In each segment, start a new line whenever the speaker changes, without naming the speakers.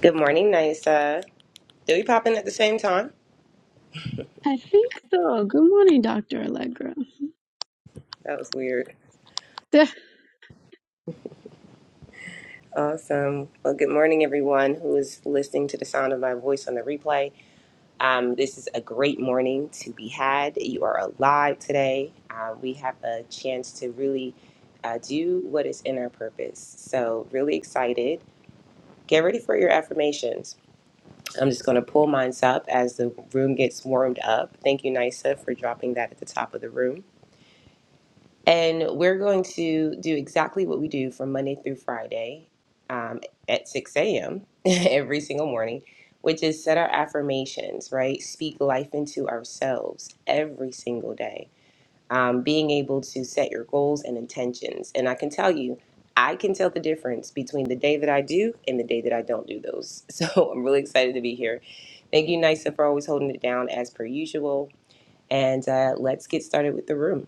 Good morning, Nisa. Did we pop in at the same time?
I think so. Good morning, Dr. Allegra.
That was weird. Awesome. Well, good morning, everyone who is listening to the sound of my voice on the replay. Um, this is a great morning to be had. You are alive today. Uh, we have a chance to really uh, do what is in our purpose. So, really excited. Get ready for your affirmations. I'm just going to pull mine up as the room gets warmed up. Thank you, Nisa, for dropping that at the top of the room. And we're going to do exactly what we do from Monday through Friday um, at 6 a.m. every single morning, which is set our affirmations, right? Speak life into ourselves every single day. Um, being able to set your goals and intentions. And I can tell you, I can tell the difference between the day that I do and the day that I don't do those. So I'm really excited to be here. Thank you, Nisa, for always holding it down as per usual. And uh, let's get started with the room.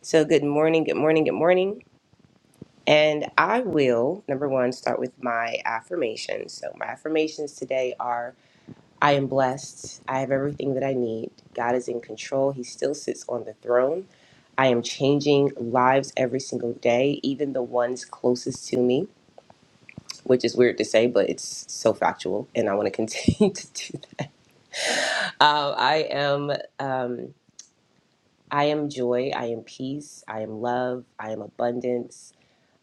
So, good morning, good morning, good morning. And I will, number one, start with my affirmations. So, my affirmations today are I am blessed. I have everything that I need. God is in control. He still sits on the throne. I am changing lives every single day, even the ones closest to me, which is weird to say, but it's so factual. And I want to continue to do that. Um, I am. Um, I am joy, I am peace, I am love, I am abundance,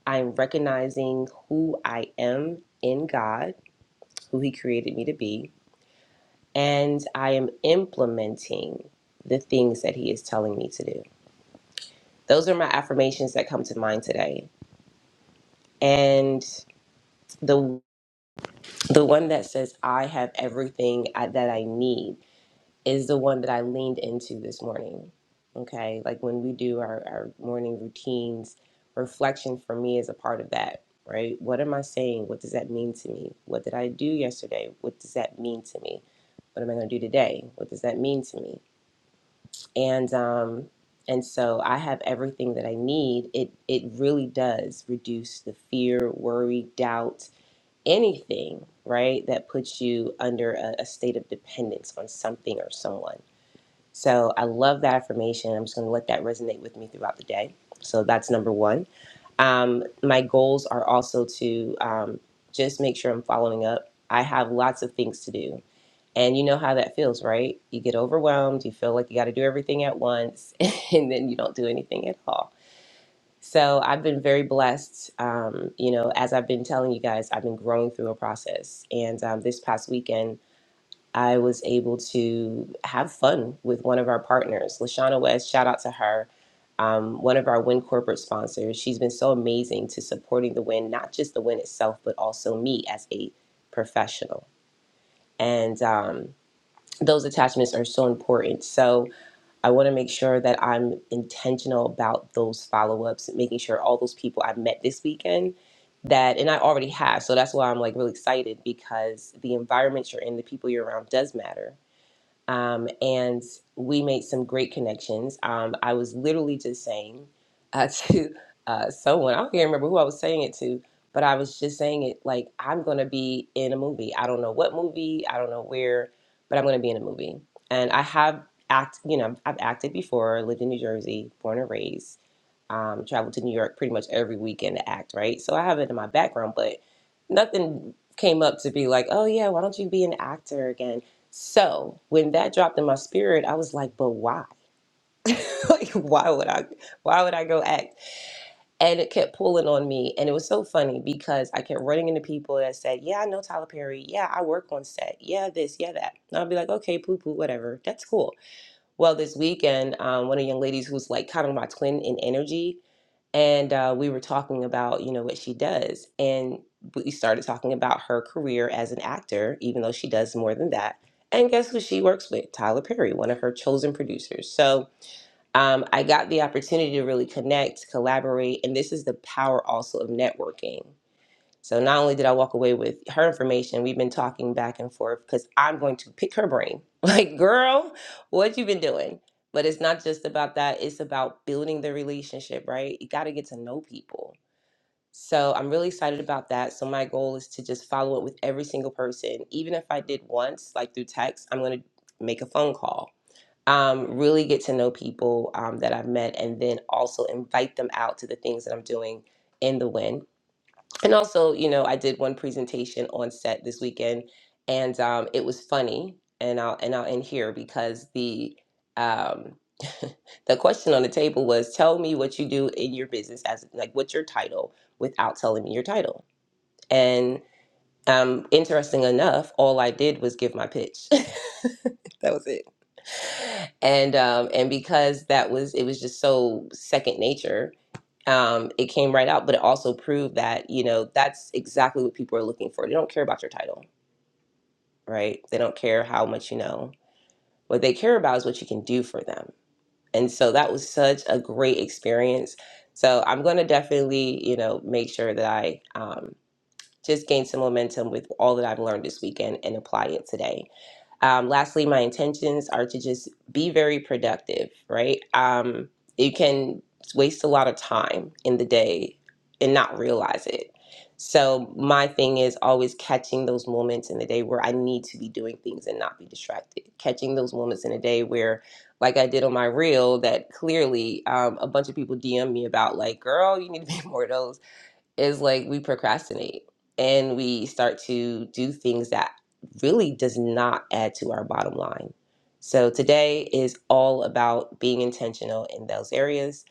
I'm recognizing who I am in God, who He created me to be, and I am implementing the things that He is telling me to do. Those are my affirmations that come to mind today. And the the one that says I have everything I- that I need is the one that I leaned into this morning. Okay. Like when we do our, our morning routines, reflection for me is a part of that, right? What am I saying? What does that mean to me? What did I do yesterday? What does that mean to me? What am I going to do today? What does that mean to me? And, um, and so I have everything that I need. It it really does reduce the fear, worry, doubt, anything, right? That puts you under a, a state of dependence on something or someone so I love that affirmation. I'm just going to let that resonate with me throughout the day. So that's number one. Um, my goals are also to um, just make sure I'm following up. I have lots of things to do. And you know how that feels, right? You get overwhelmed, you feel like you got to do everything at once, and then you don't do anything at all. So I've been very blessed. Um, you know, as I've been telling you guys, I've been growing through a process. And um, this past weekend, I was able to have fun with one of our partners, Lashana West. Shout out to her. Um, one of our Win corporate sponsors. She's been so amazing to supporting the Win, not just the Win itself, but also me as a professional. And um, those attachments are so important. So I want to make sure that I'm intentional about those follow ups, making sure all those people I've met this weekend that and I already have. So that's why I'm like really excited because the environment you're in, the people you're around does matter um, and we made some great connections. Um, I was literally just saying uh, to uh, someone, I don't even remember who I was saying it to, but I was just saying it like, I'm going to be in a movie. I don't know what movie, I don't know where, but I'm going to be in a movie. And I have act, you know, I've acted before, lived in New Jersey, born and raised um, traveled to New York pretty much every weekend to act, right? So I have it in my background, but nothing came up to be like, oh yeah, why don't you be an actor again? So when that dropped in my spirit, I was like, but why? like, why would I? Why would I go act? And it kept pulling on me, and it was so funny because I kept running into people that said, yeah, I know Tyler Perry, yeah, I work on set, yeah, this, yeah, that. And I'd be like, okay, poo poo, whatever, that's cool. Well, this weekend, um, one of the young ladies who's like kind of my twin in energy, and uh, we were talking about you know what she does and we started talking about her career as an actor even though she does more than that and guess who she works with tyler perry one of her chosen producers so um, i got the opportunity to really connect collaborate and this is the power also of networking so not only did I walk away with her information, we've been talking back and forth because I'm going to pick her brain. Like, girl, what you been doing? But it's not just about that. It's about building the relationship, right? You got to get to know people. So I'm really excited about that. So my goal is to just follow up with every single person. Even if I did once, like through text, I'm going to make a phone call um, really get to know people um, that I've met and then also invite them out to the things that I'm doing in the win and also you know i did one presentation on set this weekend and um, it was funny and i'll and i'll end here because the um, the question on the table was tell me what you do in your business as like what's your title without telling me your title and um, interesting enough all i did was give my pitch that was it and um and because that was it was just so second nature um, it came right out, but it also proved that, you know, that's exactly what people are looking for. They don't care about your title, right? They don't care how much you know. What they care about is what you can do for them. And so that was such a great experience. So I'm going to definitely, you know, make sure that I um, just gain some momentum with all that I've learned this weekend and apply it today. Um, lastly, my intentions are to just be very productive, right? Um, you can waste a lot of time in the day and not realize it. So, my thing is always catching those moments in the day where I need to be doing things and not be distracted. Catching those moments in a day where, like I did on my reel, that clearly um, a bunch of people DM me about, like, girl, you need to be more of those is like we procrastinate and we start to do things that really does not add to our bottom line. So today is all about being intentional in those areas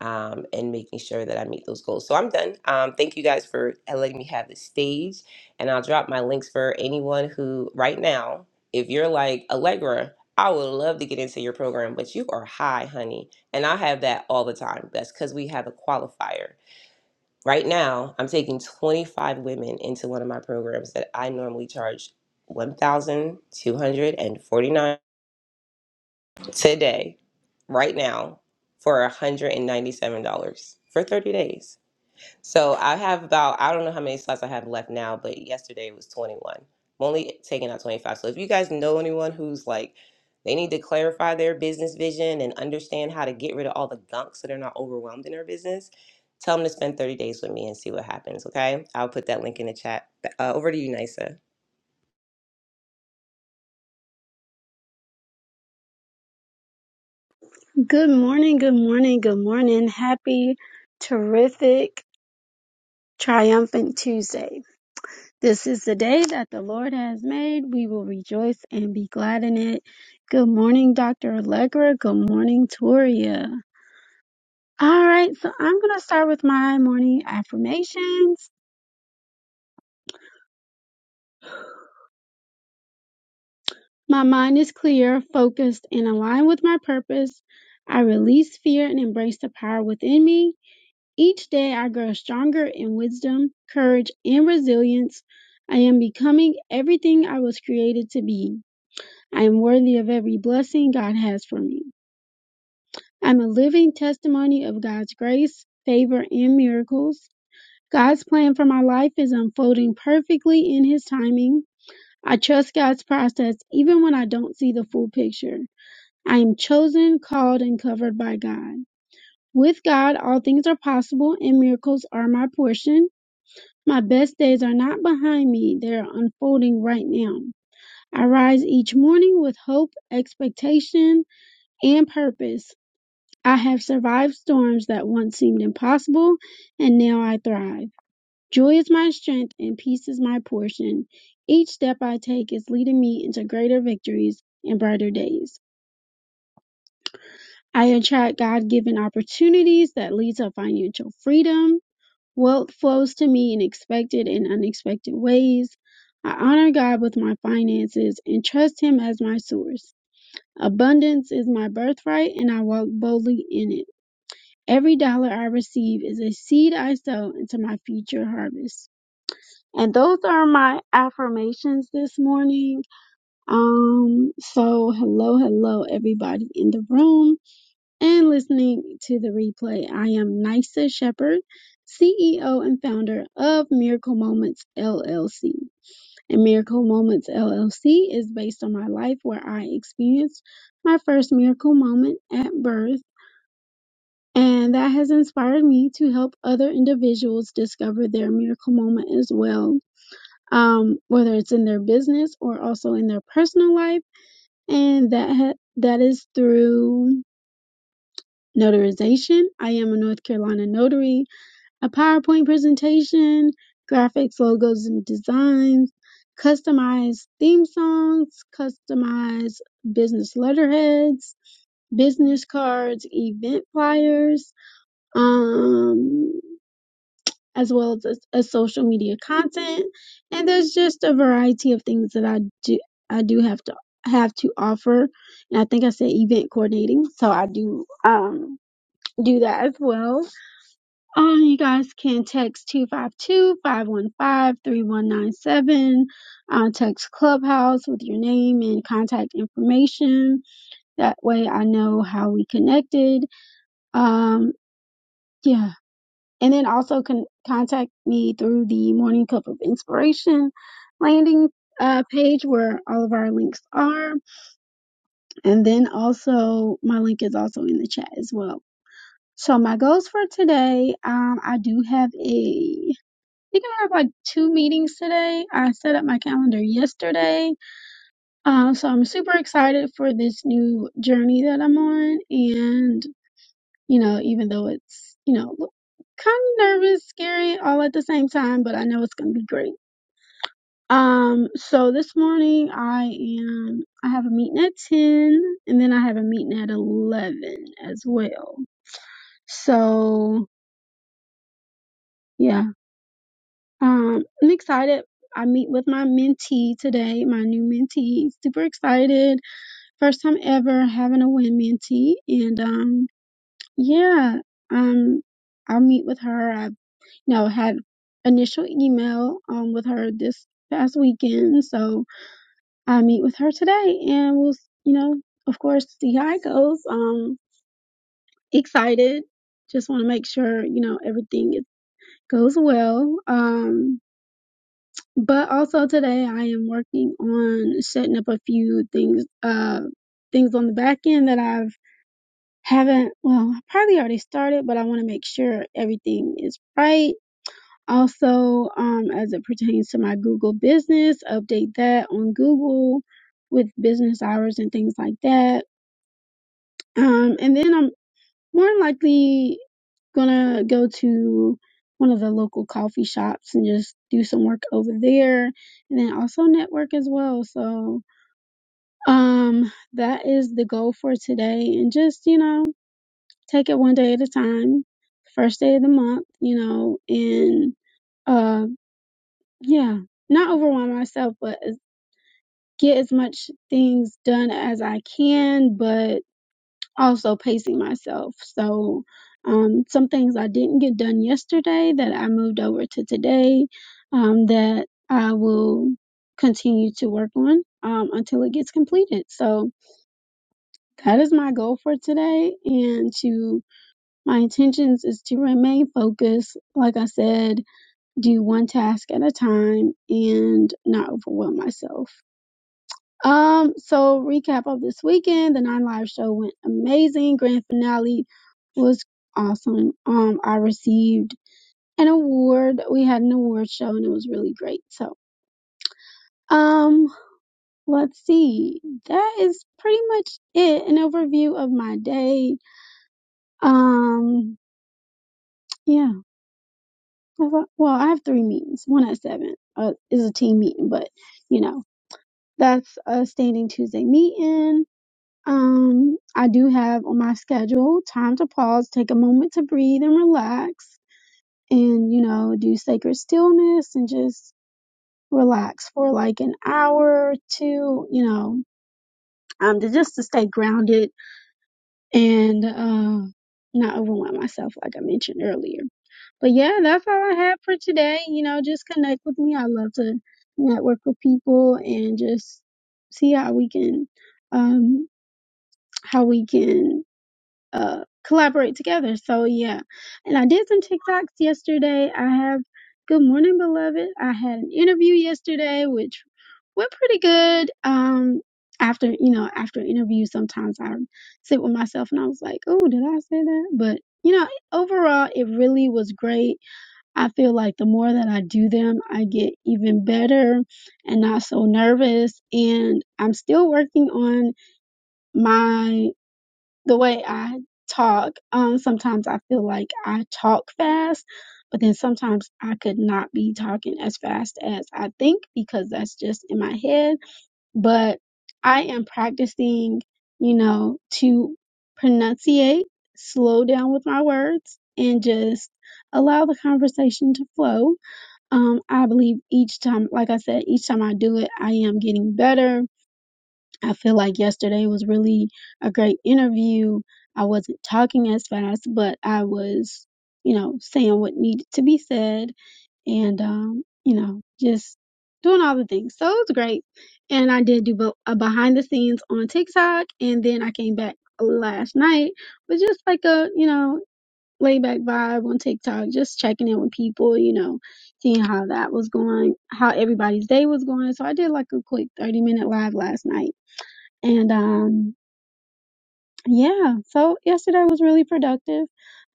um, and making sure that I meet those goals. So I'm done. Um, thank you guys for letting me have the stage. And I'll drop my links for anyone who, right now, if you're like Allegra, I would love to get into your program, but you are high, honey. And I have that all the time. That's because we have a qualifier Right now, I'm taking 25 women into one of my programs that I normally charge 1,249 today, right now, for $197 for 30 days. So I have about I don't know how many slots I have left now, but yesterday was 21. I'm only taking out 25. So if you guys know anyone who's like they need to clarify their business vision and understand how to get rid of all the gunk so they're not overwhelmed in their business, tell them to spend 30 days with me and see what happens, okay? I'll put that link in the chat. Uh, over to you, Nisa.
Good morning, good morning, good morning. Happy, terrific, triumphant Tuesday. This is the day that the Lord has made. We will rejoice and be glad in it. Good morning, Dr. Allegra. Good morning, Toria. All right, so I'm going to start with my morning affirmations. My mind is clear, focused, and aligned with my purpose. I release fear and embrace the power within me. Each day I grow stronger in wisdom, courage, and resilience. I am becoming everything I was created to be. I am worthy of every blessing God has for me. I'm a living testimony of God's grace, favor, and miracles. God's plan for my life is unfolding perfectly in His timing. I trust God's process even when I don't see the full picture. I am chosen, called, and covered by God. With God, all things are possible and miracles are my portion. My best days are not behind me, they are unfolding right now. I rise each morning with hope, expectation, and purpose. I have survived storms that once seemed impossible, and now I thrive. Joy is my strength, and peace is my portion. Each step I take is leading me into greater victories and brighter days. I attract God given opportunities that lead to financial freedom Wealth flows to me in expected and unexpected ways. I honor God with my finances and trust Him as my source. Abundance is my birthright and I walk boldly in it. Every dollar I receive is a seed I sow into my future harvest. And those are my affirmations this morning. Um, so hello, hello, everybody in the room and listening to the replay. I am Nisa Shepherd, CEO and founder of Miracle Moments LLC. And Miracle Moments LLC is based on my life where I experienced my first miracle moment at birth. And that has inspired me to help other individuals discover their miracle moment as well, um, whether it's in their business or also in their personal life. And that ha- that is through notarization. I am a North Carolina notary. A PowerPoint presentation, graphics, logos, and designs, customized theme songs, customized business letterheads, business cards, event flyers, um, as well as a, a social media content. And there's just a variety of things that I do I do have to have to offer. And I think I said event coordinating, so I do um do that as well. Um, you guys can text two five two five one five three one nine seven. Uh, text Clubhouse with your name and contact information. That way I know how we connected. Um, yeah. And then also con- contact me through the Morning Cup of Inspiration landing uh, page where all of our links are. And then also my link is also in the chat as well. So my goals for today, um, I do have a think I have like two meetings today. I set up my calendar yesterday. Um, so I'm super excited for this new journey that I'm on. And, you know, even though it's, you know, kind of nervous, scary all at the same time, but I know it's going to be great. Um, so this morning I am, I have a meeting at 10 and then I have a meeting at 11 as well. So yeah, Um, I'm excited. I meet with my mentee today, my new mentee. Super excited. First time ever having a win mentee. And um, yeah, um, I'll meet with her. I you know had initial email um with her this past weekend. So I meet with her today and we'll you know, of course, see how it goes. Um excited. Just want to make sure, you know, everything is, goes well. Um But also today I am working on setting up a few things uh things on the back end that I've haven't well, I probably already started, but I want to make sure everything is right. Also, um as it pertains to my Google business, update that on Google with business hours and things like that. Um and then I'm more than likely gonna go to one of the local coffee shops and just do some work over there and then also network as well. So um that is the goal for today and just, you know, take it one day at a time. First day of the month, you know, and uh yeah, not overwhelm myself but uh, get as much things done as I can, but also pacing myself. So, um, some things I didn't get done yesterday that I moved over to today um, that I will continue to work on um, until it gets completed. So, that is my goal for today. And to my intentions is to remain focused. Like I said, do one task at a time and not overwhelm myself. Um, so recap of this weekend, the Nine Live show went amazing. Grand finale was awesome. Um, I received an award. We had an award show and it was really great. So, um, let's see. That is pretty much it. An overview of my day. Um, yeah. Well, I have three meetings. One at seven uh, is a team meeting, but you know, that's a standing Tuesday meeting Um, I do have on my schedule time to pause, take a moment to breathe and relax, and you know, do sacred stillness and just relax for like an hour or two, you know, um, to just to stay grounded and uh, not overwhelm myself, like I mentioned earlier. But yeah, that's all I have for today. You know, just connect with me. I love to network with people and just see how we can, um, how we can. uh, collaborate together. So yeah, and I did some TikToks yesterday. I have Good Morning Beloved. I had an interview yesterday, which went pretty good. Um, after you know, after interviews, sometimes I sit with myself and I was like, oh, did I say that? But you know, overall, it really was great. I feel like the more that I do them, I get even better and not so nervous. And I'm still working on my the way I talk, um, sometimes I feel like I talk fast, but then sometimes I could not be talking as fast as I think because that's just in my head. But I am practicing, you know, to pronunciate, slow down with my words, and just allow the conversation to flow. Um, I believe each time, like I said, each time I do it, I am getting better I feel like yesterday was really a great interview. I wasn't talking as fast, but I was, you know, saying what needed to be said and, um, you know, just doing all the things. So it was great. And I did do bo- a behind the scenes on TikTok. And then I came back last night with just like a, you know, laid back vibe on TikTok, just checking in with people, you know, seeing how that was going, how everybody's day was going. So I did like a quick 30 minute live last night and um, yeah, so yesterday was really productive.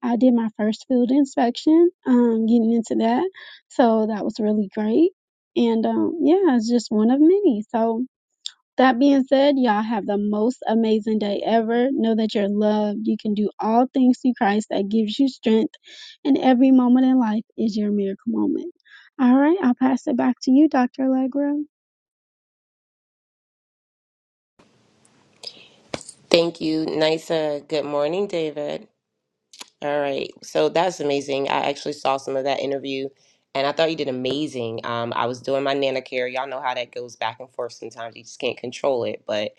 I did my first field inspection, um, getting into that. So that was really great. And um, yeah, it's just one of many. So that being said, y'all have the most amazing day ever. Know that you're loved. You can do all things through Christ that gives you strength. And every moment in life is your miracle moment. All right, I'll pass it back to you, Dr. Allegra.
Thank you, Nisa. Good morning, David. All right. So that's amazing. I actually saw some of that interview and I thought you did amazing. Um, I was doing my nana care. Y'all know how that goes back and forth sometimes. You just can't control it. But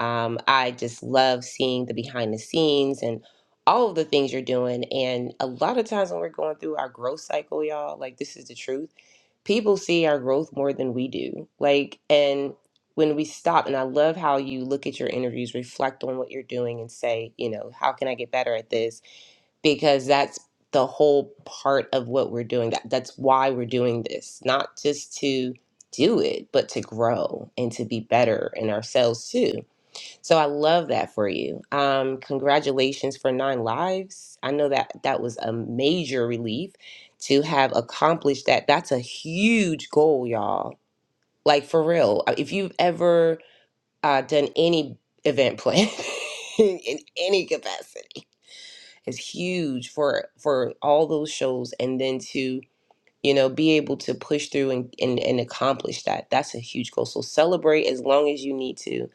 um, I just love seeing the behind the scenes and all of the things you're doing. And a lot of times when we're going through our growth cycle, y'all, like this is the truth. People see our growth more than we do. Like, and when we stop, and I love how you look at your interviews, reflect on what you're doing, and say, you know, how can I get better at this? because that's the whole part of what we're doing. That that's why we're doing this, not just to do it, but to grow and to be better in ourselves too. So I love that for you. Um, congratulations for nine lives. I know that that was a major relief to have accomplished that. That's a huge goal, y'all. Like for real. If you've ever uh, done any event plan in any capacity is huge for for all those shows and then to you know be able to push through and, and and accomplish that that's a huge goal so celebrate as long as you need to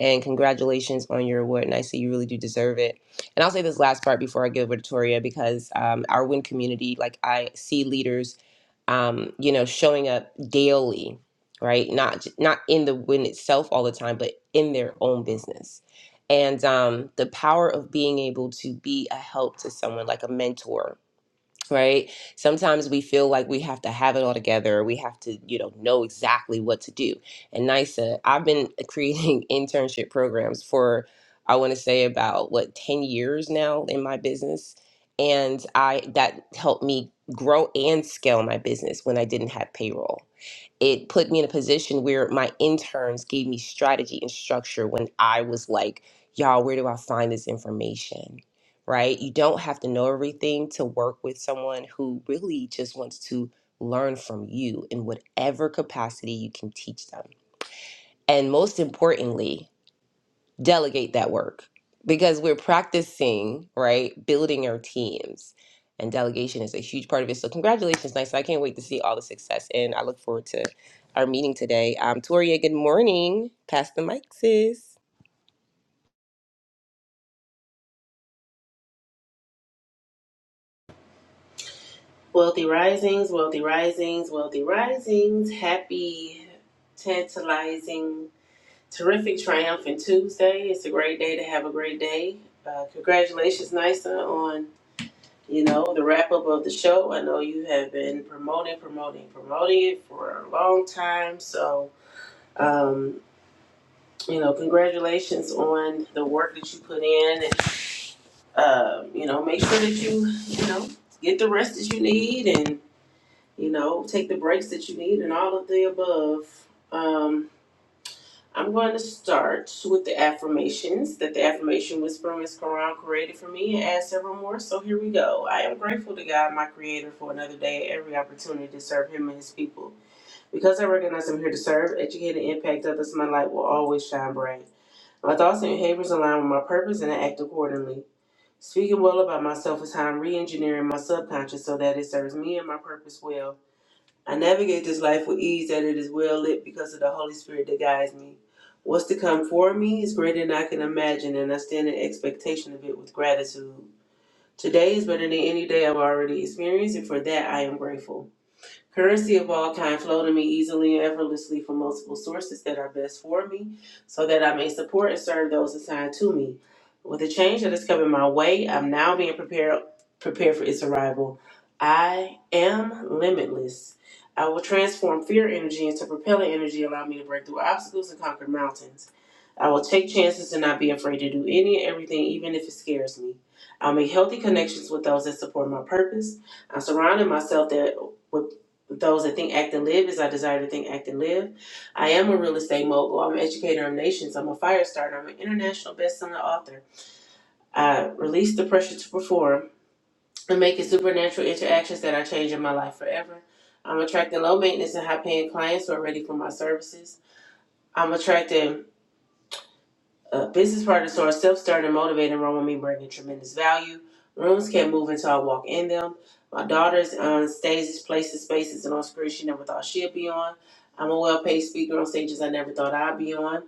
and congratulations on your award and i say you really do deserve it and i'll say this last part before i give it to toria because um, our win community like i see leaders um, you know, showing up daily, right? Not not in the win itself all the time, but in their own business. And um, the power of being able to be a help to someone, like a mentor, right? Sometimes we feel like we have to have it all together. We have to, you know, know exactly what to do. And NISA, I've been creating internship programs for, I want to say about what, 10 years now in my business. And I, that helped me grow and scale my business when I didn't have payroll it put me in a position where my interns gave me strategy and structure when I was like, y'all, where do I find this information? Right? You don't have to know everything to work with someone who really just wants to learn from you in whatever capacity you can teach them. And most importantly, delegate that work because we're practicing, right? Building our teams. And delegation is a huge part of it. So congratulations, nice. I can't wait to see all the success and I look forward to our meeting today. Um Toria, good morning. Pass the mic, sis.
Wealthy risings, wealthy risings, wealthy risings. Happy, tantalizing, terrific, triumphant Tuesday. It's a great day to have a great day. Uh, congratulations, Nisa, on you know the wrap up of the show. I know you have been promoting, promoting, promoting it for a long time. So um, you know, congratulations on the work that you put in. And, uh, you know, make sure that you you know get the rest that you need and you know, take the breaks that you need and all of the above. Um, I'm going to start with the affirmations that the affirmation Whisperer Miss Quran created for me and add several more. So here we go. I am grateful to God, my creator, for another day and every opportunity to serve him and his people. Because I recognize I'm here to serve, educate, and impact others, my light will always shine bright. My thoughts and behaviors align with my purpose and I act accordingly. Speaking well about myself is how I'm re engineering my subconscious so that it serves me and my purpose well. I navigate this life with ease that it is well lit because of the Holy Spirit that guides me. What's to come for me is greater than I can imagine, and I stand in expectation of it with gratitude. Today is better than any day I've already experienced, and for that I am grateful. Currency of all kind flow to me easily and effortlessly from multiple sources that are best for me, so that I may support and serve those assigned to me. With the change that is coming my way, I'm now being prepared prepared for its arrival. I am limitless. I will transform fear energy into propellant energy, allowing me to break through obstacles and conquer mountains. I will take chances and not be afraid to do any and everything, even if it scares me. I'll make healthy connections with those that support my purpose. I'm surrounding myself that with those that think, act, and live is I desire to think, act, and live. I am a real estate mogul. I'm an educator of nations. I'm a fire starter. I'm an international best-selling author. I release the pressure to perform and making supernatural interactions that are changing my life forever. I'm attracting low maintenance and high paying clients who are ready for my services. I'm attracting Uh, business partners who are self-starting, motivated, and run me, bringing tremendous value. Rooms can't move until I walk in them. My daughter's on stages, places, spaces, and on screens she never thought she'd be on. I'm a well-paid speaker on stages I never thought I'd be on.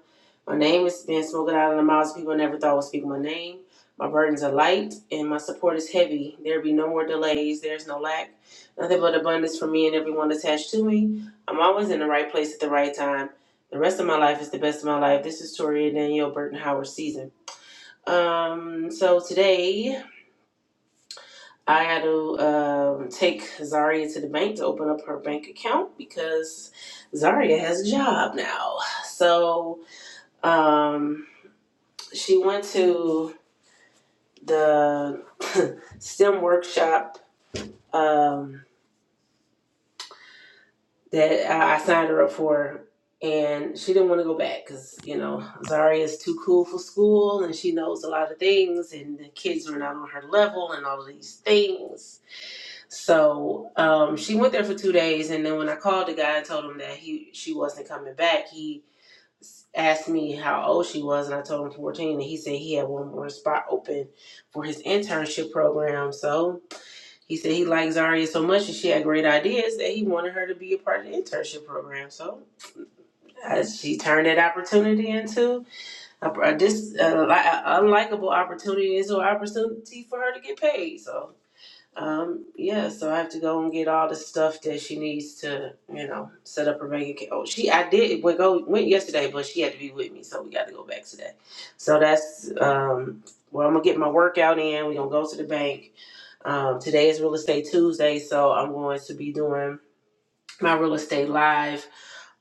My name is being spoken out of the mouths of people I never thought would speak my name. My burdens are light and my support is heavy. There be no more delays. There's no lack. Nothing but abundance for me and everyone attached to me. I'm always in the right place at the right time. The rest of my life is the best of my life. This is Toria Danielle Burton Howard season. Um, so today I had to um, take Zaria to the bank to open up her bank account because Zaria has a job now. So um, she went to the STEM workshop. Um, that I I signed her up for, and she didn't want to go back because you know Zaria is too cool for school, and she knows a lot of things, and the kids were not on her level, and all of these things. So um, she went there for two days, and then when I called the guy and told him that he she wasn't coming back, he s- asked me how old she was, and I told him fourteen, and he said he had one more spot open for his internship program, so. He said he liked Zaria so much and she had great ideas that he wanted her to be a part of the internship program. So uh, she turned that opportunity into a, a, dis, a, li- a unlikable opportunity into an opportunity for her to get paid. So um, yeah, so I have to go and get all the stuff that she needs to, you know, set up her bank account. Oh, she, I did we go went yesterday, but she had to be with me, so we got to go back today. So that's um, well, I'm gonna get my workout in. We're gonna go to the bank. Um, today is real estate Tuesday, so I'm going to be doing my real estate live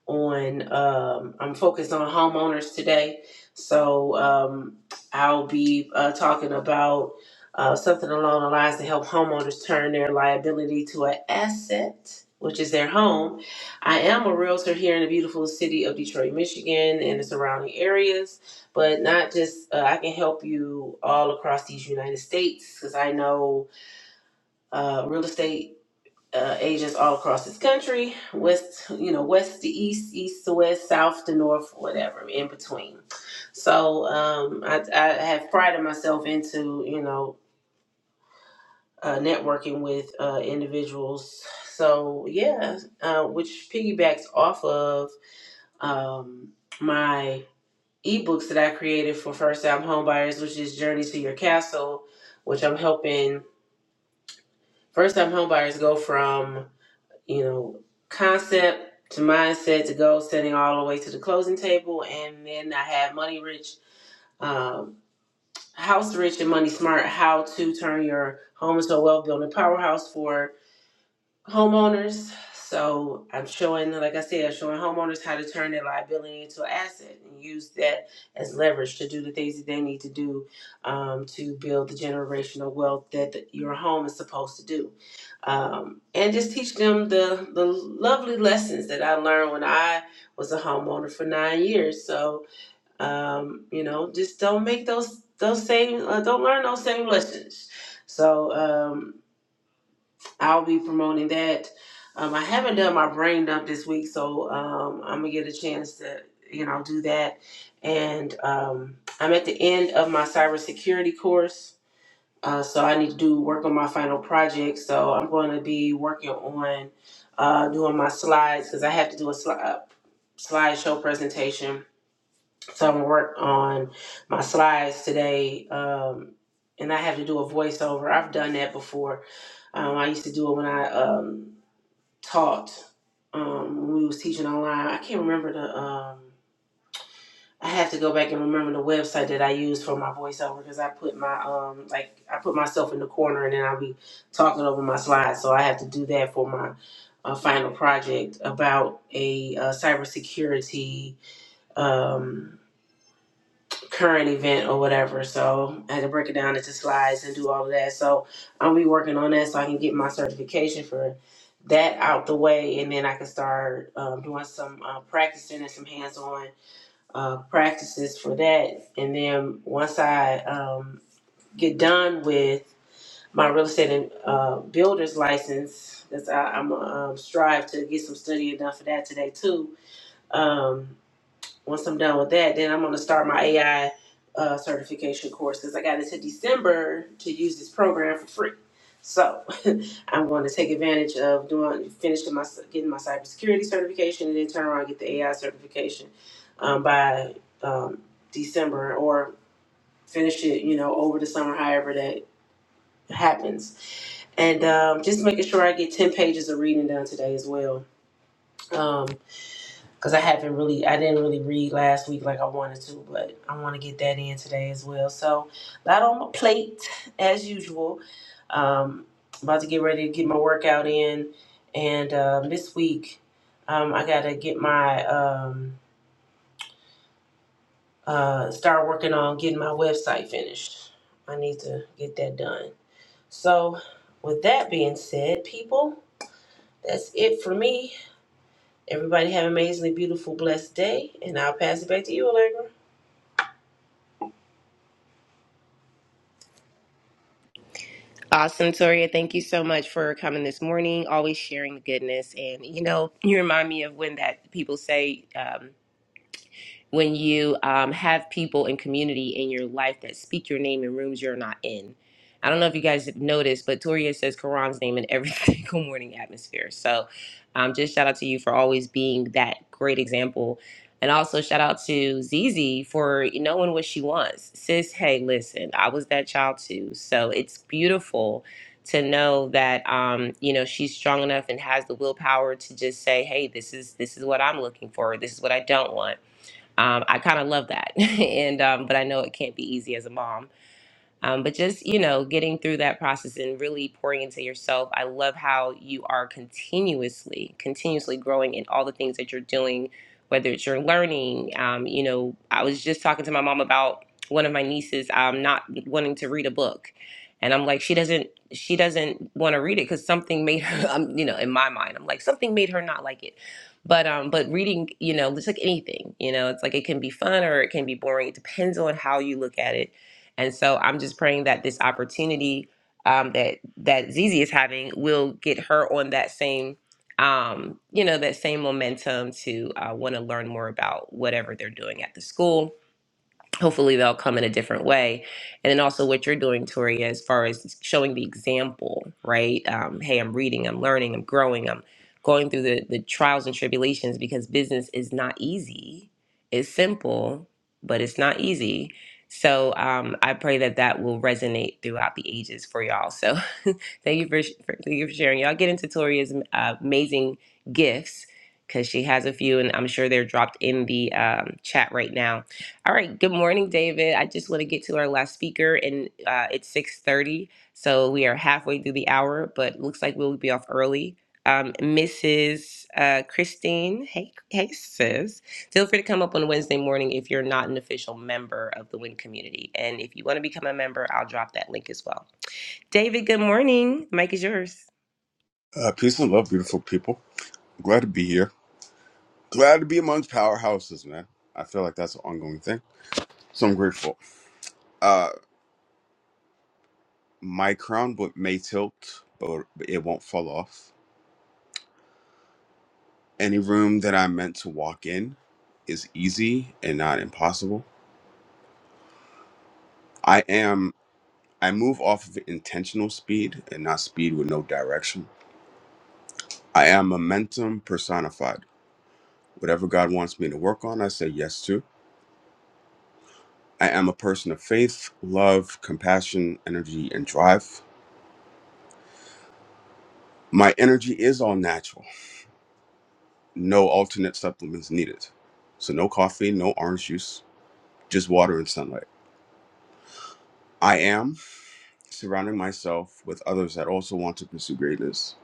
on um, i'm focused on homeowners today so um, i'll be uh, talking about uh, something along the lines to help homeowners turn their liability to an asset which is their home i am a realtor here in the beautiful city of detroit michigan and the surrounding areas but not just uh, i can help you all across these united states because i know uh, real estate uh, agents all across this country, west, you know, west to east, east to west, south to north, whatever, in between. So um, I, I have prided myself into, you know, uh, networking with uh, individuals. So yeah, uh, which piggybacks off of um, my ebooks that I created for first-time homebuyers, which is Journey to Your Castle, which I'm helping first-time homebuyers go from you know, concept to mindset to goal setting all the way to the closing table. And then I have Money Rich, um, House Rich, and Money Smart how to turn your home into a wealth building powerhouse for homeowners. So I'm showing, like I said, showing homeowners how to turn their liability into an asset and use that as leverage to do the things that they need to do um, to build the generational wealth that the, your home is supposed to do. Um, and just teach them the, the lovely lessons that I learned when I was a homeowner for nine years. So, um, you know, just don't make those, those same, uh, don't learn those same lessons. So, um, I'll be promoting that. Um, I haven't done my brain dump this week, so um, I'm gonna get a chance to, you know, do that. And um, I'm at the end of my cybersecurity course, uh, so I need to do work on my final project. So I'm going to be working on uh, doing my slides because I have to do a sli- uh, slideshow presentation so I'm gonna work on my slides today, um, and I have to do a voiceover. I've done that before. Um, I used to do it when I um, taught. Um, when we was teaching online. I can't remember the. Um, I have to go back and remember the website that I used for my voiceover because I put my um like I put myself in the corner and then I'll be talking over my slides. So I have to do that for my uh, final project about a uh, cybersecurity. Um, current event or whatever. So I had to break it down into slides and do all of that. So I'll be working on that so I can get my certification for that out the way, and then I can start um, doing some uh, practicing and some hands-on uh, practices for that. And then once I um, get done with my real estate and uh, builder's license, that's I, I'm um, strive to get some studying done for that today too. Um, once I'm done with that, then I'm gonna start my AI uh, certification course because I got into December to use this program for free. So I'm going to take advantage of doing finishing my getting my cybersecurity certification and then turn around and get the AI certification um, by um, December or finish it, you know, over the summer, however that happens. And um, just making sure I get ten pages of reading done today as well. Um, because I haven't really, I didn't really read last week like I wanted to, but I want to get that in today as well. So, a lot on my plate as usual. Um, about to get ready to get my workout in, and um, this week um, I gotta get my um, uh, start working on getting my website finished. I need to get that done. So, with that being said, people, that's it for me. Everybody have an amazingly beautiful, blessed day, and I'll pass it back to you, Allegra.
Awesome, Toria. Thank you so much for coming this morning, always sharing the goodness. And you know, you remind me of when that people say, um, when you um, have people and community in your life that speak your name in rooms you're not in. I don't know if you guys have noticed, but Toria says Quran's name in every single morning atmosphere. So um, just shout out to you for always being that great example. And also shout out to Zizi for knowing what she wants. Sis, hey, listen, I was that child too. So it's beautiful to know that um, you know she's strong enough and has the willpower to just say, hey, this is this is what I'm looking for. This is what I don't want um, I kind of love that. and um, but I know it can't be easy as a mom. Um, but just, you know, getting through that process and really pouring into yourself. I love how you are continuously, continuously growing in all the things that you're doing, whether it's your learning. Um, you know, I was just talking to my mom about one of my nieces um, not wanting to read a book. And I'm like, she doesn't, she doesn't want to read it because something made her, um, you know, in my mind, I'm like, something made her not like it. But, um, but reading, you know, it's like anything, you know, it's like it can be fun or it can be boring. It depends on how you look at it and so I'm just praying that this opportunity um, that that Zizi is having will get her on that same um, you know that same momentum to uh, want to learn more about whatever they're doing at the school hopefully they'll come in a different way and then also what you're doing tori as far as showing the example right um, hey i'm reading i'm learning i'm growing i'm going through the, the trials and tribulations because business is not easy it's simple but it's not easy so um, i pray that that will resonate throughout the ages for y'all so thank you for, for thank you for sharing y'all get into tori's uh, amazing gifts because she has a few and i'm sure they're dropped in the um, chat right now all right. Good morning, David. I just want to get to our last speaker, and uh, it's six thirty, so we are halfway through the hour. But looks like we'll be off early. Um, Mrs. Uh, Christine, hey, hey, sis. Feel free to come up on Wednesday morning if you're not an official member of the Win community, and if you want to become a member, I'll drop that link as well. David, good morning. Mike is yours.
Uh, peace and love, beautiful people. Glad to be here. Glad to be amongst powerhouses, man. I feel like that's an ongoing thing. So I'm grateful. Uh, my crown but may tilt, but it won't fall off. Any room that I'm meant to walk in is easy and not impossible. I am, I move off of intentional speed and not speed with no direction. I am momentum personified. Whatever God wants me to work on, I say yes to. I am a person of faith, love, compassion, energy, and drive. My energy is all natural, no alternate supplements needed. So, no coffee, no orange juice, just water and sunlight. I am surrounding myself with others that also want to pursue greatness.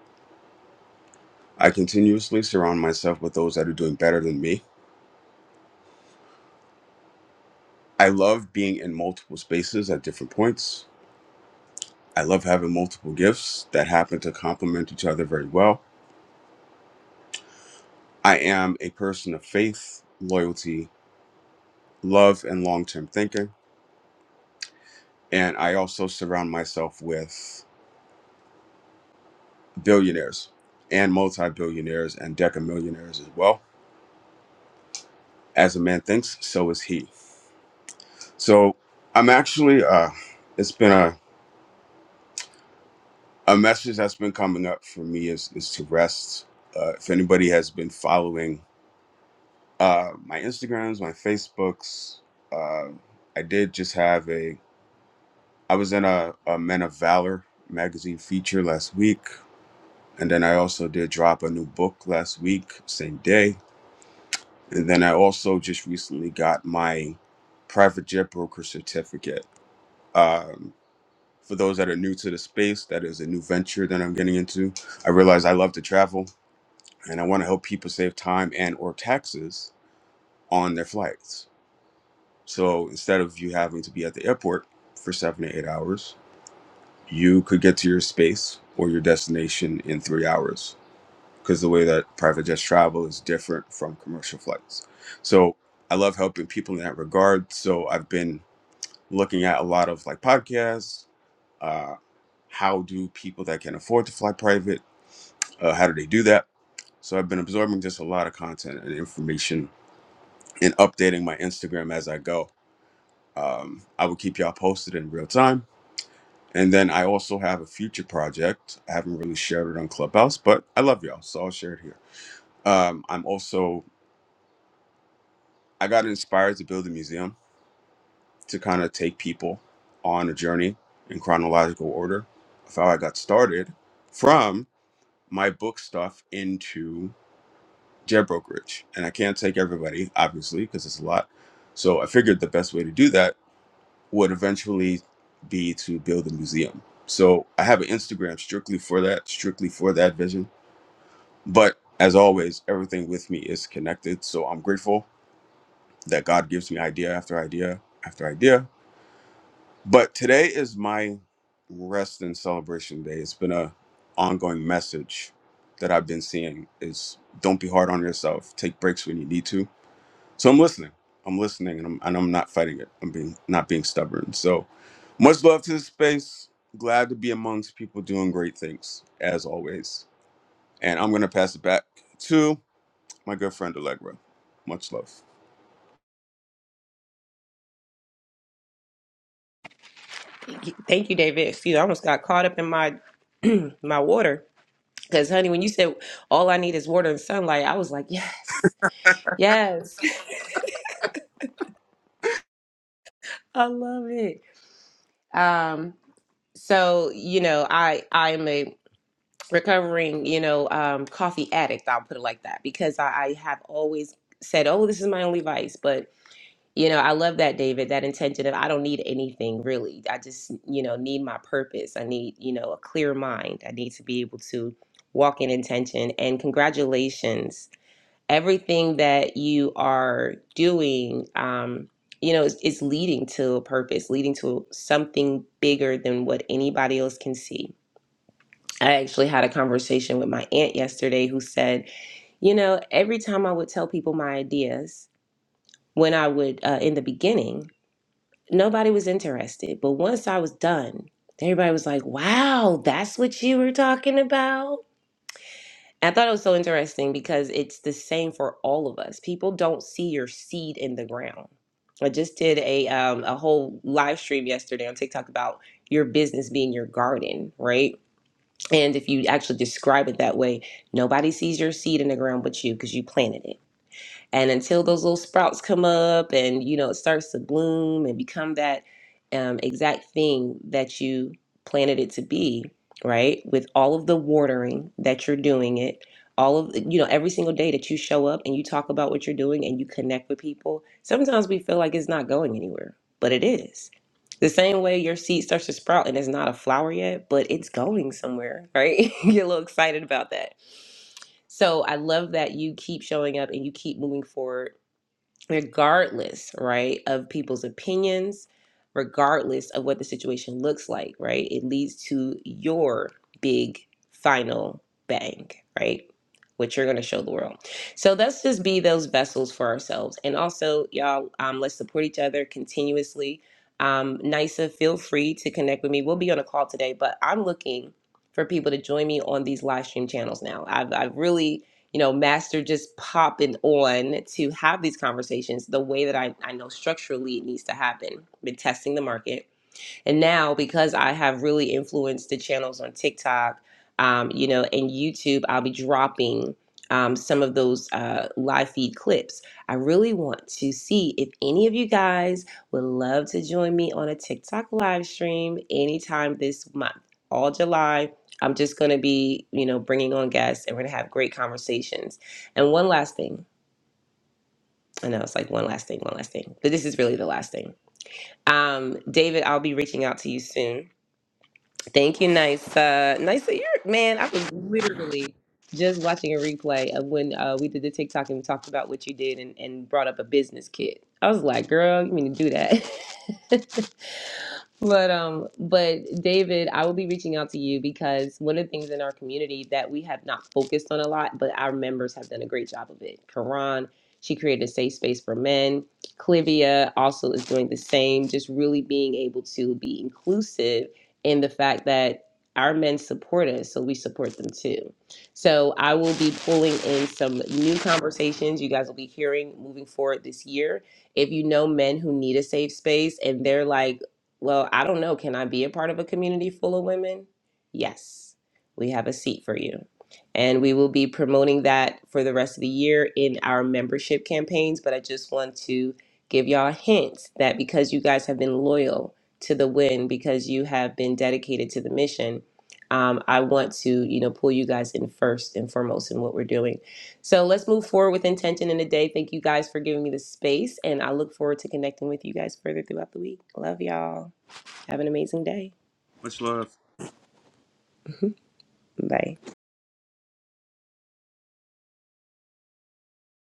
I continuously surround myself with those that are doing better than me. I love being in multiple spaces at different points. I love having multiple gifts that happen to complement each other very well. I am a person of faith, loyalty, love and long term thinking. And I also surround myself with billionaires and multi billionaires and decamillionaires as well. As a man thinks, so is he. So I'm actually, uh, it's been a, a message that's been coming up for me is, is to rest. Uh, if anybody has been following uh, my Instagrams, my Facebooks, uh, I did just have a, I was in a, a Men of Valor magazine feature last week And then I also did drop a new book last week, same day. And then I also just recently got my private jet broker certificate. Um, for those that are new to the space, that is a new venture that I'm getting into. I realize I love to travel and I want to help people save time and or taxes on their flights. So instead of you having to be at the airport for seven to eight hours, you could get to your space or your destination in three hours. because the way that private jets travel is different from commercial flights. So I love helping people in that regard. So I've been looking at a lot of like podcasts. Uh, how do people that can afford to fly private? Uh, how do they do that? So I've been absorbing just a lot of content and information and updating my Instagram as I go. Um, I will keep y'all posted in real time. And then I also have a future project. I haven't really shared it on Clubhouse, but I love y'all, so I'll share it here. Um, I'm also I got inspired to build a museum to kind of take people on a journey in chronological order of how I got started from my book stuff into jet brokerage. And I can't take everybody, obviously, because it's a lot. So I figured the best way to do that would eventually be to build a museum. So I have an Instagram strictly for that, strictly for that vision. But as always, everything with me is connected. So I'm grateful that God gives me idea after idea after idea But today is my rest and celebration day. It's been a ongoing message that I've been seeing is don't be hard on yourself. Take breaks when you need to. So I'm listening. I'm listening and I'm and I'm not fighting it. I'm being not being stubborn. So much love to this space. Glad to be amongst people doing great things, as always. And I'm gonna pass it back to my good friend Allegra. Much love.
Thank you, Thank you, David. Excuse, I almost got caught up in my my water because, honey, when you said all I need is water and sunlight, I was like, yes. Yes, I love it. Um, so you know, I I'm a recovering you know um, coffee addict. I'll put it like that because I, I have always said, oh, this is my only vice. But you know, I love that David, that intention of I don't need anything really. I just you know need my purpose. I need you know a clear mind. I need to be able to walk in intention. And congratulations everything that you are doing um you know is, is leading to a purpose leading to something bigger than what anybody else can see i actually had a conversation with my aunt yesterday who said you know every time i would tell people my ideas when i would uh, in the beginning nobody was interested but once i was done everybody was like wow that's what you were talking about I thought it was so interesting because it's the same for all of us. People don't see your seed in the ground. I just did a um, a whole live stream yesterday on TikTok about your business being your garden, right? And if you actually describe it that way, nobody sees your seed in the ground but you because you planted it. And until those little sprouts come up and, you know, it starts to bloom and become that um, exact thing that you planted it to be, right? With all of the watering that you're doing it, all of, you know, every single day that you show up and you talk about what you're doing and you connect with people, sometimes we feel like it's not going anywhere, but it is. The same way your seed starts to sprout and it's not a flower yet, but it's going somewhere, right? Get a little excited about that. So I love that you keep showing up and you keep moving forward, regardless, right, of people's opinions, regardless of what the situation looks like, right? It leads to your big final bang, right? What you're going to show the world. So let's just be those vessels for ourselves. And also, y'all, um, let's support each other continuously. Um, NISA, feel free to connect with me. We'll be on a call today, but I'm looking for people to join me on these live stream channels now. I've, I've really you know, Master just popping on to have these conversations the way that I, I know structurally it needs to happen. Been testing the market and now, because I have really influenced the channels on TikTok, um, you know, and YouTube, I'll be dropping um, some of those uh, live feed clips. I really want to see if any of you guys would love to join me on a TikTok live stream anytime this month, all July. I'm just going to be, you know, bringing on guests and we're going to have great conversations. And one last thing. I know it's like one last thing, one last thing, but this is really the last thing. Um, David, I'll be reaching out to you soon Thank you, Nysa. Nysa, you're man. I was literally just watching a replay of when uh, we did the TikTok and we talked about what you did and, and brought up a business kit. I was like, girl, you mean to do that? But um, but David, I will be reaching out to you because one of the things in our community that we have not focused on a lot, but our members have done a great job of it. Karan, she created a safe space for men. Clivia also is doing the same, just really being able to be inclusive in the fact that our men support us, so we support them too. So I will be pulling in some new conversations you guys will be hearing moving forward this year if you know men who need a safe space and they're like well, I don't know. Can I be a part of a community full of women? Yes, we have a seat for you. And we will be promoting that for the rest of the year in our membership campaigns. But I just want to give y'all a hint that because you guys have been loyal to the win, because you have been dedicated to the mission, um, I want to, you know, pull you guys in first and foremost in what we're doing. So let's move forward with intention in the day. Thank you guys for giving me the space, and I look forward to connecting with you guys further throughout the week. Love y'all. Have an amazing day.
Much love.
Bye.